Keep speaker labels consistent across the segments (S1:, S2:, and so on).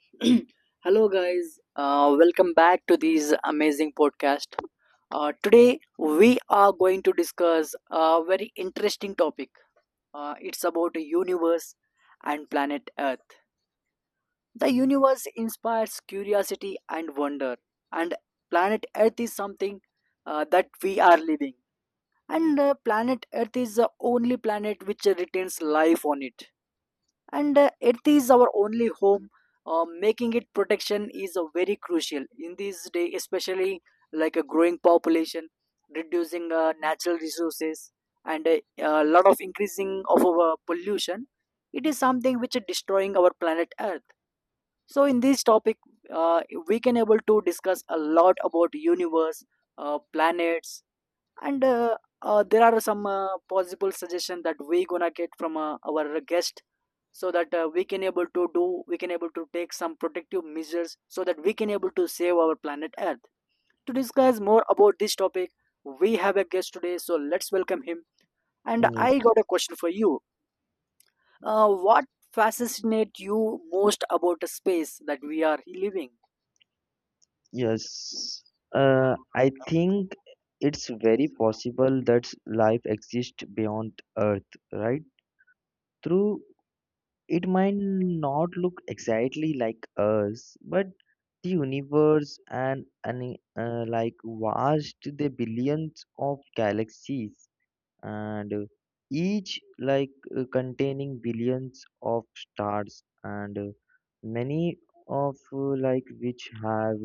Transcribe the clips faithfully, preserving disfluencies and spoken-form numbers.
S1: Hello, guys. Uh, welcome back to this amazing podcast. Uh, today, we are going to discuss a very interesting topic. Uh, it's about the universe and planet Earth. The universe inspires curiosity and wonder, and planet Earth is something uh, that we are living. And uh, planet Earth is the only planet which retains life on it, and uh, it is our only home. Uh, making it protection is uh, very crucial in this day, especially like a growing population, reducing uh, natural resources, and a, a lot of increasing of our pollution. It is something which is destroying our planet Earth. So in this topic, uh, we can able to discuss a lot about universe, uh, planets, and uh, uh, there are some uh, possible suggestion that we gonna get from uh, our guest, so that uh, we can able to do we can able to take some protective measures so that we can able to save our planet Earth. To discuss more about this topic, we have a guest today, so let's welcome him. And
S2: Yes,
S1: I got a question for you. Uh, what fascinates you most about the space that we are living?
S2: yes. Uh, I think it's very possible that life exists beyond Earth, right? Through it might not look exactly like us, but the universe and, and uh, like vast the billions of galaxies and uh, each like uh, containing billions of stars and uh, many of uh, like which have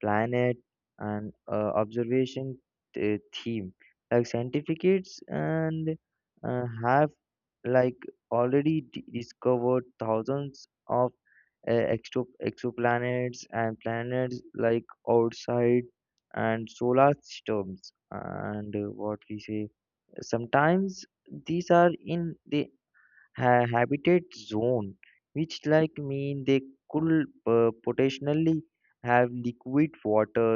S2: planet and uh, observation uh, theme like scientists and uh, have like already d- discovered thousands of uh, extra exoplanets and planets like outside and solar systems and uh, what we say sometimes these are in the ha- habitat zone, which like mean they could uh, potentially have liquid water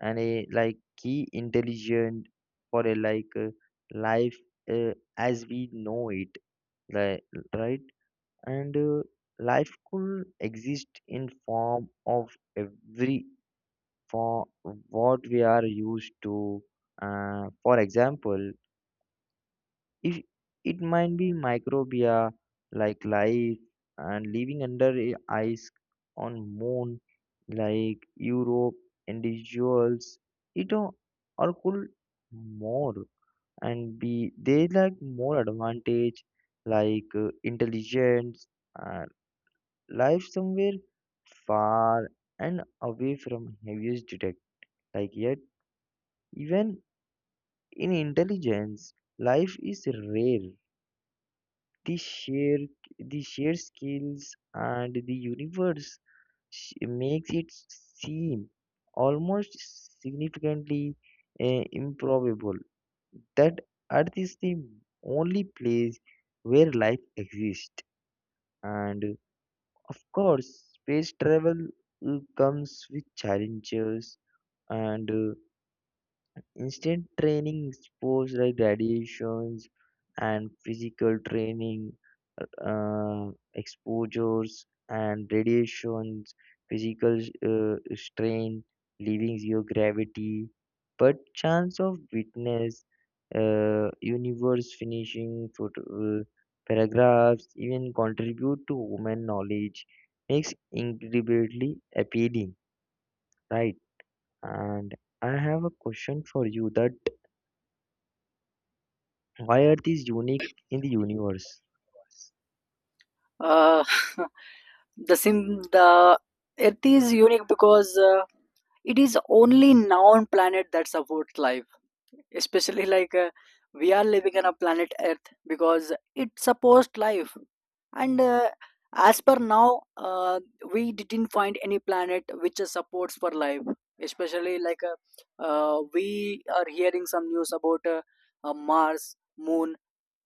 S2: and a like key intelligent for a like uh, life uh, as we know it, like, right? And uh, life could exist in form of every form what we are used to. Uh, for example. If it might be microbia like life and living under i- ice on moon like Europe individuals it o- or could more and be they like more advantage like uh, intelligence and life somewhere far and away from heaviest detect like yet even in intelligence life is rare. The sheer the sheer skills and the universe sh- makes it seem almost significantly uh, improbable that Earth is the only place where life exists. And of course, space travel uh, comes with challenges and uh, instant training sports like radiations and physical training, uh, uh, exposures and radiations, physical uh, strain, leaving zero gravity, but chance of witness, uh, universe finishing photo, uh, paragraphs, even contribute to human knowledge, makes incredibly appealing, right? And I have a question for you. The why Earth is unique in the universe?
S1: uh, the sim the Earth is unique because uh, it is only known planet that supports life, especially like uh, we are living on a planet Earth because it supposed life. And uh, as per now, uh, we didn't find any planet which uh, supports for life, especially like uh, uh, we are hearing some news about uh, uh, Mars moon,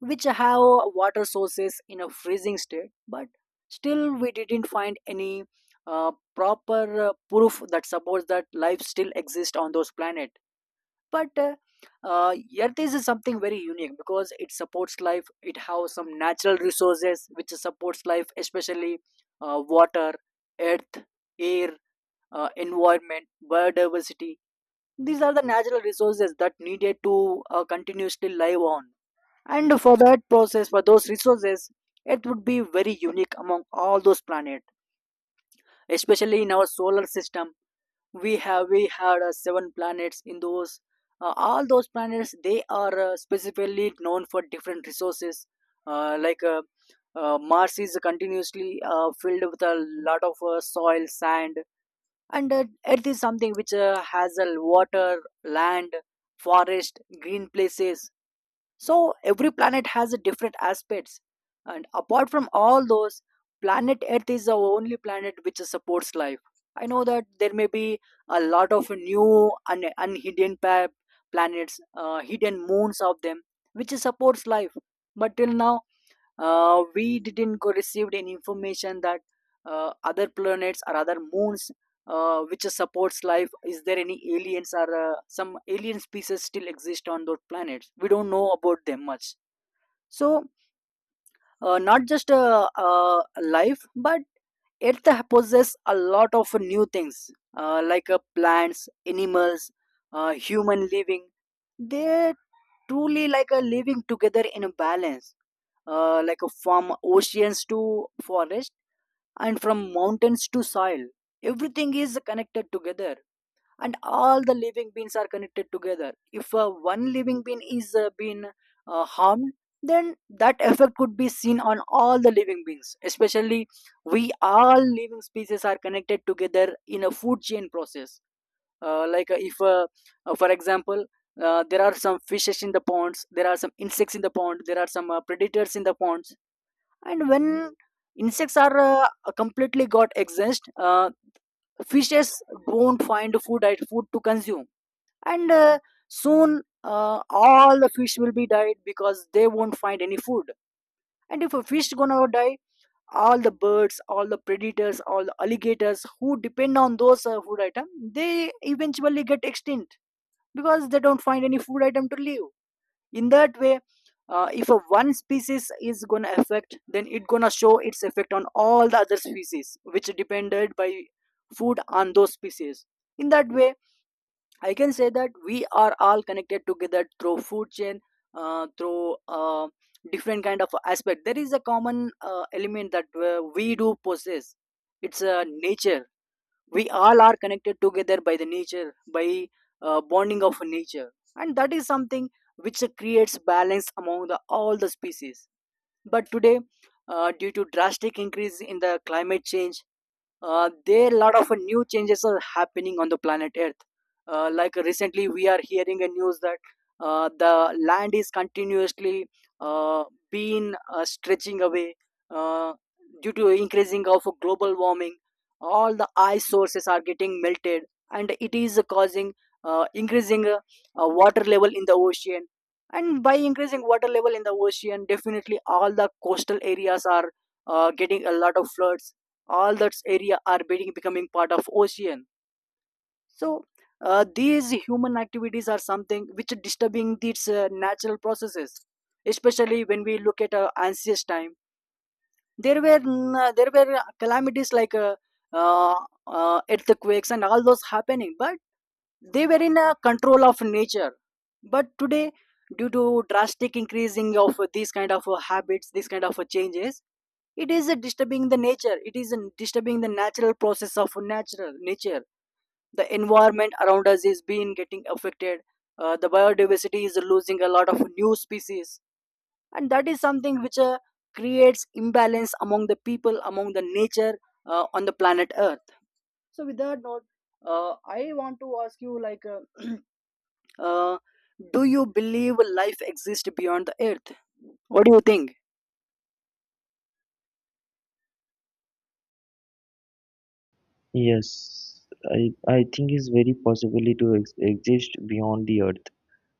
S1: which have water sources in a freezing state, but still we didn't find any uh, proper uh, proof that supports that life still exists on those planets. But uh, uh, Earth is something very unique because it supports life. It has some natural resources which supports life, especially uh, water, earth, air, uh, environment, biodiversity. These are the natural resources that needed to uh, continuously live on. And for that process, for those resources, it would be very unique among all those planets, especially in our solar system. We have we had uh, seven planets in those. Uh, all those planets, they are uh, specifically known for different resources, uh, like uh, uh, Mars is continuously uh, filled with a lot of uh, soil, sand. And uh, Earth is something which uh, has a water, land, forest, green places. So every planet has a different aspects, and apart from all those, planet Earth is the only planet which supports life. I know that there may be a lot of new un- unhidden pa- planets, uh, hidden moons of them, which supports life. But till now, uh, we didn't go received any information that uh, other planets or other moons uh, which supports life. Is there any aliens or uh, some alien species still exist on those planets? We don't know about them much. So uh, not just uh, uh, life, but Earth possesses a lot of new things, uh, like uh, plants, animals, uh, human living. They truly like a living together in a balance, uh, like a from oceans to forest, and from mountains to soil. Everything is connected together, and all the living beings are connected together. If uh, one living being is uh, being uh, harmed, then that effect could be seen on all the living beings, especially we all living species are connected together in a food chain process. Uh, like, uh, if uh, uh, for example, uh, there are some fishes in the ponds, there are some insects in the pond, there are some uh, predators in the ponds. And when insects are uh, completely got exist, uh, fishes don't find food at food to consume. And uh, soon, uh, all the fish will be died because they won't find any food. And if a fish gonna die, all the birds, all the predators, all the alligators who depend on those uh, food item, they eventually get extinct because they don't find any food item to live. In that way, uh, if a one species is gonna affect, then it gonna show its effect on all the other species which depended by food on those species. In that way, I can say that we are all connected together through food chain, uh, through uh, different kind of aspect. There is a common uh, element that uh, we do possess. It's a nature. We all are connected together by the nature, by uh, bonding of nature, and that is something which creates balance among the all the species. But today, uh, due to drastic increase in the climate change, uh, there lot of uh, new changes are happening on the planet Earth, uh, like recently we are hearing a news that uh, the land is continuously uh, being uh, stretching away uh, due to increasing of global warming. All the ice sources are getting melted, and it is causing uh, increasing uh, uh, water level in the ocean. And by increasing water level in the ocean, definitely all the coastal areas are uh, getting a lot of floods. All that area are being becoming part of ocean. So uh, these human activities are something which disturbing these uh, natural processes, especially when we look at our ancient time. There were n- uh, there were calamities like uh, uh, uh, earthquakes and all those happening, but they were in a control of nature. But today, due to drastic increasing of these kind of uh, habits, these kind of uh, changes, it is a disturbing the nature, it is a disturbing the natural process of natural nature. The environment around us is being getting affected. Uh, the biodiversity is losing a lot of new species, and that is something which uh, creates imbalance among the people, among the nature, uh, on the planet Earth. So with that note, uh, I want to ask you, like, uh, uh, do you believe life exists beyond the Earth? What do you think?
S2: Yes, I, I think it's very possibly to ex- exist beyond the earth.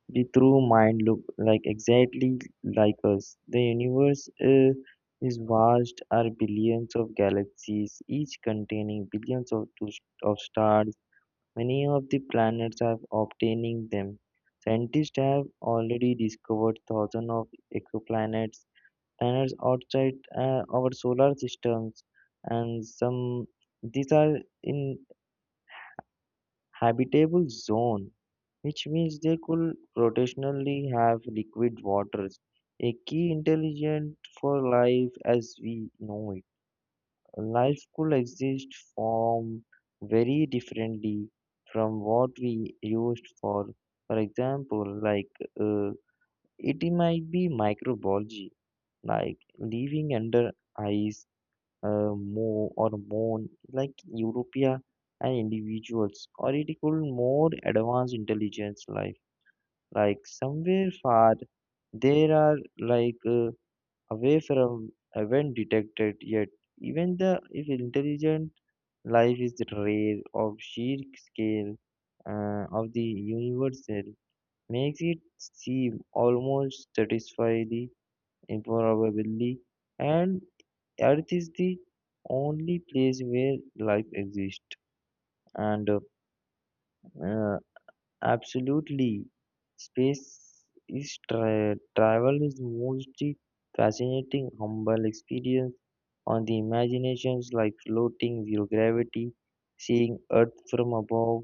S2: The true mind look like exactly like us. The universe uh, is vast, are billions of galaxies, each containing billions of, to- of stars. Many of the planets are obtaining them. Scientists have already discovered thousands of exoplanets panels outside uh, our solar systems and some these are in habitable zone, which means they could rotationally have liquid waters, a key intelligent for life as we know it. Life could exist from very differently from what we used for. For example, like uh, it might be microbiology like living under ice. uh, Mo or more like Europea and individuals, or it could more advanced intelligence life. Like somewhere far, there are like uh, away from event detected yet. Even the if intelligent life is rare of sheer scale uh, of the universal makes it seem almost satisfy the improbably, and Earth is the only place where life exists, and uh, uh, absolutely, space is tra- travel is most fascinating, humble experience on the imaginations like floating zero gravity, seeing Earth from above,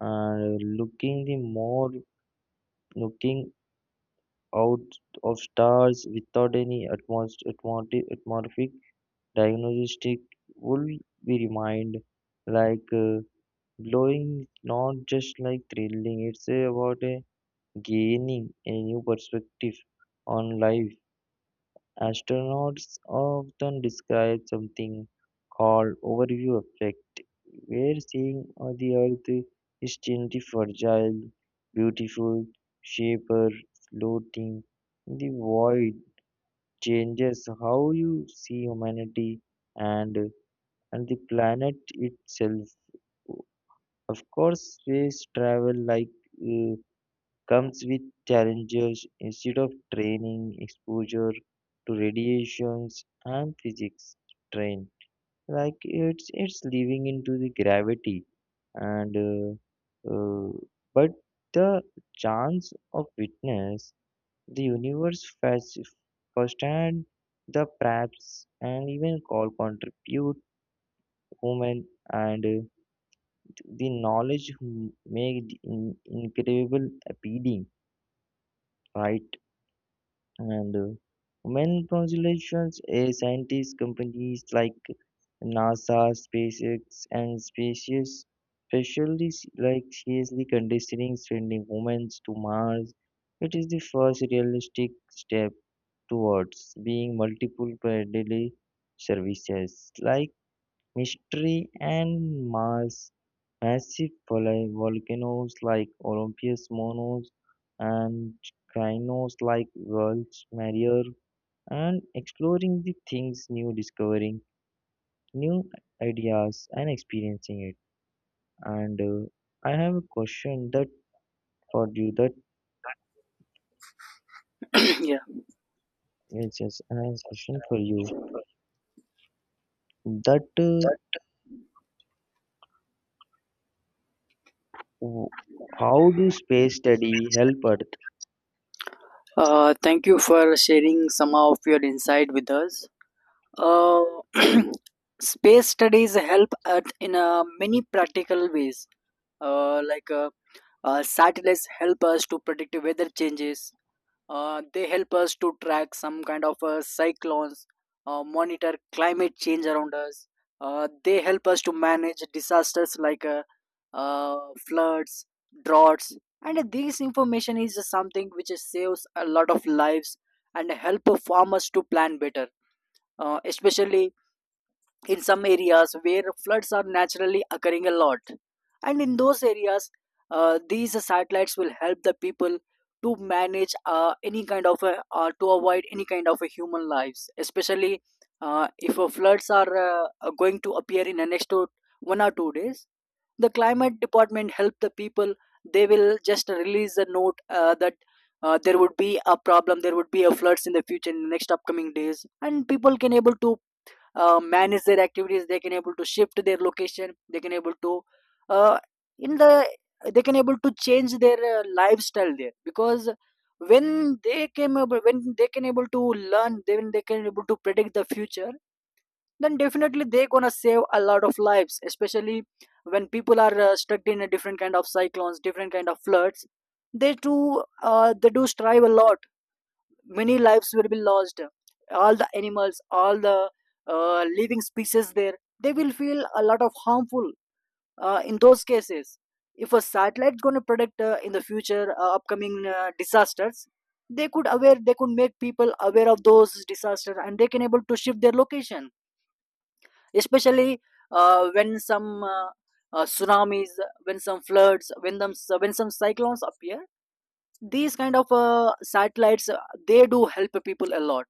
S2: and looking the more looking out of stars without any atmos- atmospheric diagnostic would be remind like uh, glowing. Not just like thrilling, it's uh, about uh, gaining a new perspective on life. Astronauts often describe something called overview effect where seeing uh, the earth is gently fragile, beautiful shaper floating in the void, changes how you see humanity and and the planet itself. Of course, space travel like uh, comes with challenges, instead of training, exposure to radiations and physics train. Like it's it's living into the gravity and uh, uh, but the chance of witness the universe first firsthand, the perhaps and even call contribute human and uh, the knowledge m- make it in, incredible appealing, right? And uh, when congratulations a scientist companies like NASA, SpaceX and spacious, especially s- like seriously considering sending women to Mars, it is the first realistic step towards being multiple parallel services like mystery and mass massive vol- volcanoes like Olympus, Monos, and Kynos like World's Marrier, and exploring the things new, discovering new ideas and experiencing it. And uh, I have a question that for you. That yes, yes, I
S1: Yeah.
S2: have a question for you. That uh, w- how do space study help Earth?
S1: Uh, thank you for sharing some of your insight with us. Uh, Space studies help Earth in uh, many practical ways, uh, like uh, uh, satellites help us to predict weather changes. Uh, they help us to track some kind of uh, cyclones, uh, monitor climate change around us. Uh, they help us to manage disasters like uh, uh, floods, droughts, and this information is something which saves a lot of lives and help farmers to plan better, uh, especially in some areas where floods are naturally occurring a lot. And in those areas, uh, these satellites will help the people to manage uh, any kind of a, uh, to avoid any kind of a human lives, especially uh, if uh, floods are uh, are going to appear in the next two, one or two days. The climate department help the people. They will just release a note uh, that uh, there would be a problem, there would be a floods in the future in the next upcoming days, and people can able to uh, manage their activities. They can able to shift their location. They can able to uh, in the they can able to change their uh, lifestyle there, because when they came able when they can able to learn, then they can able to predict the future. Then definitely they gonna save a lot of lives, especially when people are uh, stuck in a different kind of cyclones, different kind of floods, they too, uh, they do strive a lot. Many lives will be lost, all the animals, all the uh, living species there, they will feel a lot of harmful uh, in those cases. If a satellite going to predict uh, in the future uh, upcoming uh, disasters, they could aware they could make people aware of those disasters, and they can able to shift their location, especially uh, when some uh, uh, tsunamis, when some floods, when them when some cyclones appear. These kind of uh, satellites, uh, they do help people a lot.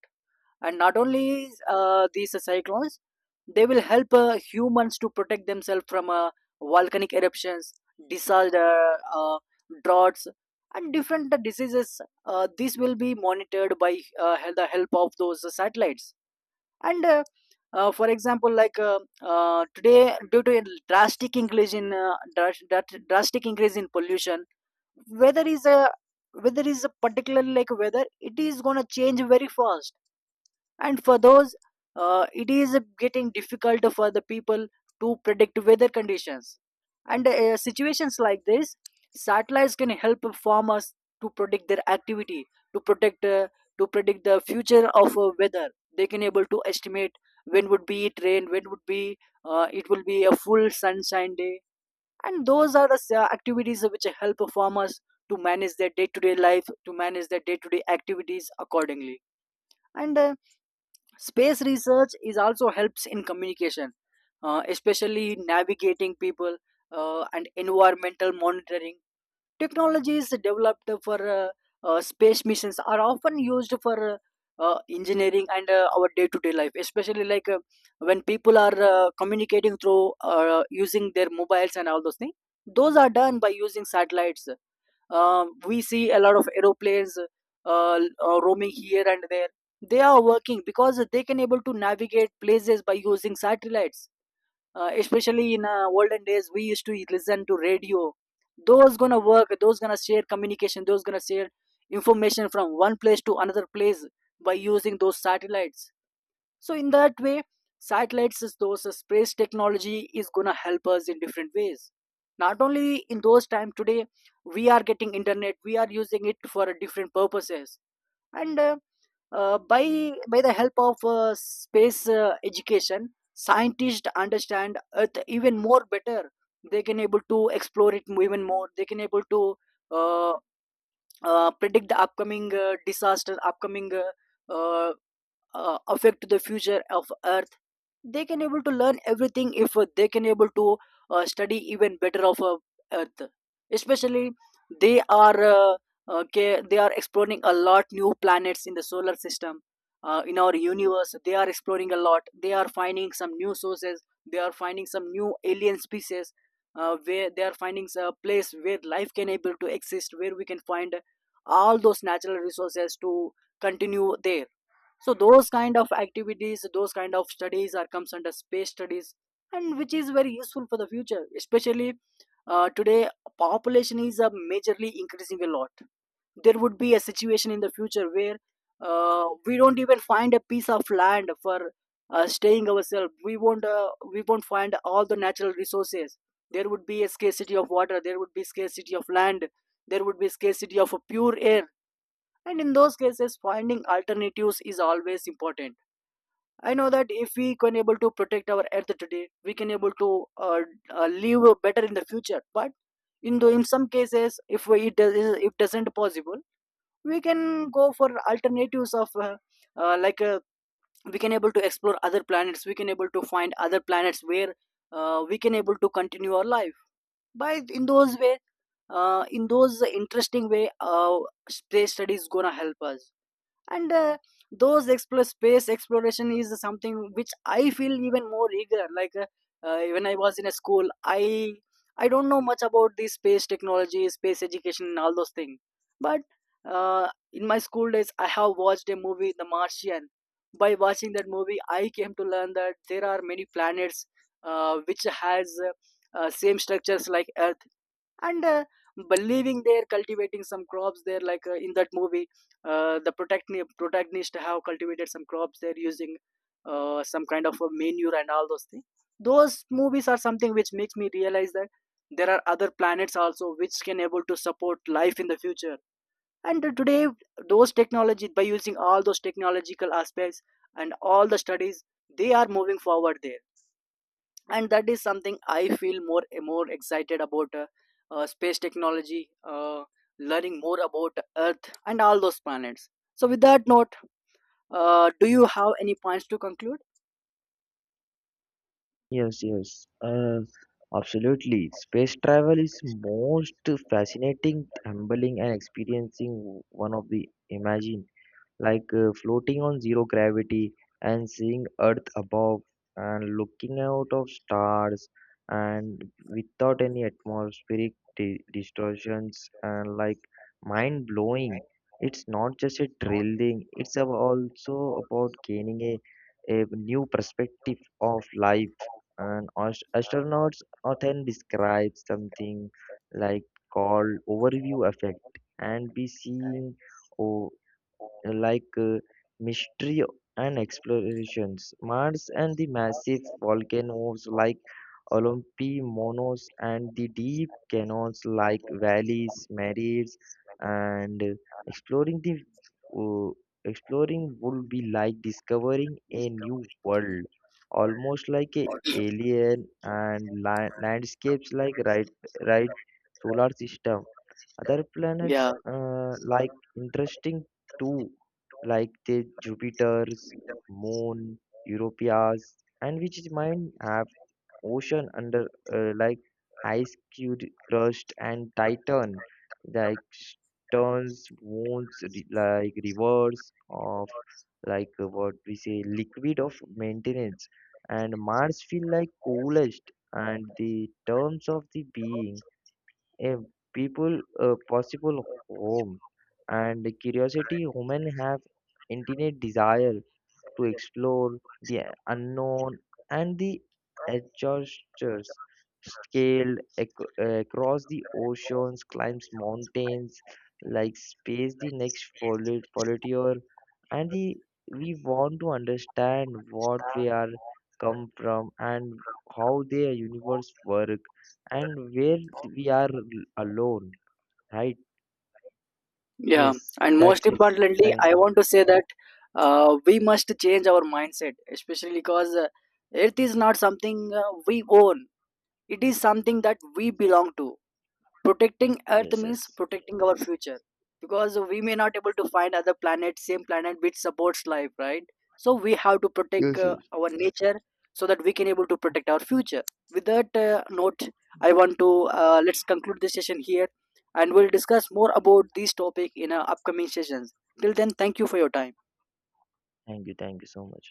S1: And not only uh, these cyclones, they will help uh, humans to protect themselves from uh, volcanic eruptions, disaster, uh, droughts, and different uh, diseases. Uh, this will be monitored by uh, the help of those satellites. And uh, uh, for example, like, uh, uh, today, due to a drastic increase in uh, dras- drat- drastic increase in pollution, weather is a weather is a particularly, like, weather, it is going to change very fast. And for those, uh, it is getting difficult for the people to predict weather conditions. And uh, situations like this, satellites can help farmers to predict their activity, to protect uh, to predict the future of uh, weather. They can able to estimate when would be it rain, when would be uh, it will be a full sunshine day. And those are the s- uh, activities which help farmers to manage their day-to-day life, to manage their day-to-day activities accordingly, and uh, Space research is also helps in communication, uh, especially navigating people, uh, and environmental monitoring. Technologies developed for uh, uh, space missions are often used for uh, uh, engineering and uh, our day-to-day life, especially like uh, when people are uh, communicating through uh, using their mobiles and all those things. Those are done by using satellites. Um, we see a lot of aeroplanes uh, uh, roaming here and there. They are working because they can able to navigate places by using satellites. Uh, especially in uh, olden days, we used to listen to radio. Those gonna work, those gonna share communication, those gonna share information from one place to another place by using those satellites. So in that way, satellites is those uh, space technology is gonna help us in different ways. Not only in those time, today we are getting internet. We are using it for different purposes, and uh, uh, by by the help of uh, space uh, education, scientists understand Earth even more better. They can able to explore it even more. They can able to uh, uh, predict the upcoming uh, disaster, upcoming uh, uh, uh, affect the future of earth. They can able to learn everything if uh, they can able to uh, study even better of uh, earth, especially. They are uh, okay, they are exploring a lot new planets in the solar system. Uh, in our universe, they are exploring a lot. They are finding some new sources, they are finding some new alien species. Uh, where they are finding a place where life can able to exist, where we can find all those natural resources to continue there. So those kind of activities, those kind of studies are comes under space studies, and which is very useful for the future. Especially uh, today, population is uh, majorly increasing a lot. There would be a situation in the future where uh, we don't even find a piece of land for uh, staying ourselves. We won't uh, we won't find all the natural resources. There would be a scarcity of water, there would be scarcity of land, there would be scarcity of uh, pure air. And in those cases, finding alternatives is always important. I know that if we can able to protect our earth today, we can able to uh, uh, live better in the future. But in the, in some cases, if we- it does, it doesn't possible, we can go for alternatives of uh, uh, like uh, we can able to explore other planets, we can able to find other planets where uh, we can able to continue our life by, in those way, uh, in those interesting way, uh, space studies gonna help us. And uh, those explore space exploration is something which I feel even more eager, like uh, uh, when I was in a school, i i don't know much about the space technology, space education and all those things. But uh, in my school days, I have watched a movie, The Martian. By watching that movie, I came to learn that there are many planets uh, which has uh, uh, same structures like earth. And uh, believing they're cultivating some crops there, like uh, in that movie, uh, the protagni- protagonist have cultivated some crops, they're using uh, some kind of a manure and all those things. Those movies are something which makes me realize that there are other planets also which can able to support life in the future. And uh, today, those technology, by using all those technological aspects and all the studies, they are moving forward there. And that is something I feel more more excited about. Uh, uh, space technology, uh, learning more about earth and all those planets. So with that note, uh, do you have any points to conclude?
S2: Yes, yes, uh, absolutely. Space travel is most fascinating, humbling, and experiencing one of the imagine like uh, floating on zero gravity and seeing earth above and looking out of stars and without any atmospheric di- distortions and like mind blowing. It's not just a drilling, it's ab- also about gaining a, a new perspective of life. And ast- astronauts often describe something like called overview effect and be seeing o- like uh, mystery and explorations. Mars and the massive volcanoes like Olympi, Monos, and the deep canyons like valleys, mares, and uh, exploring the uh, exploring would be like discovering a new world, almost like a alien and li- landscapes like right, right, solar system, other planets
S1: Yeah,
S2: uh, like interesting too, like the Jupiter's, Moon, Europeas, and which is mine have ocean under uh, like ice cubed crust and Titan, like turns, wounds, re- like rivers of like uh, what we say liquid of maintenance. And mars feel like coolest and the terms of the being a people uh, possible home. And curiosity women have infinite desire to explore the unknown and the adventures scaled ac- uh, across the oceans, climbs mountains like space, the next vol- volunteer, and the we want to understand what we are come from and how their universe work and where we are alone, right?
S1: yeah.
S2: Yes,
S1: And most
S2: that's it.
S1: importantly,
S2: Right.
S1: I want to say that uh, we must change our mindset, especially because uh, earth is not something uh, we own. It is something that we belong to. Protecting earth
S2: Yes,
S1: means
S2: yes.
S1: protecting our future, because we may not able to find other planet, same planet which supports life, right? So we have to protect
S2: Yes,
S1: uh,
S2: yes.
S1: our nature, so that we can able to protect our future. With that uh, note, I want to uh, let's conclude this session here, and we'll discuss more about this topic in our upcoming sessions. Till then, thank you for your time.
S2: Thank you, thank you so much.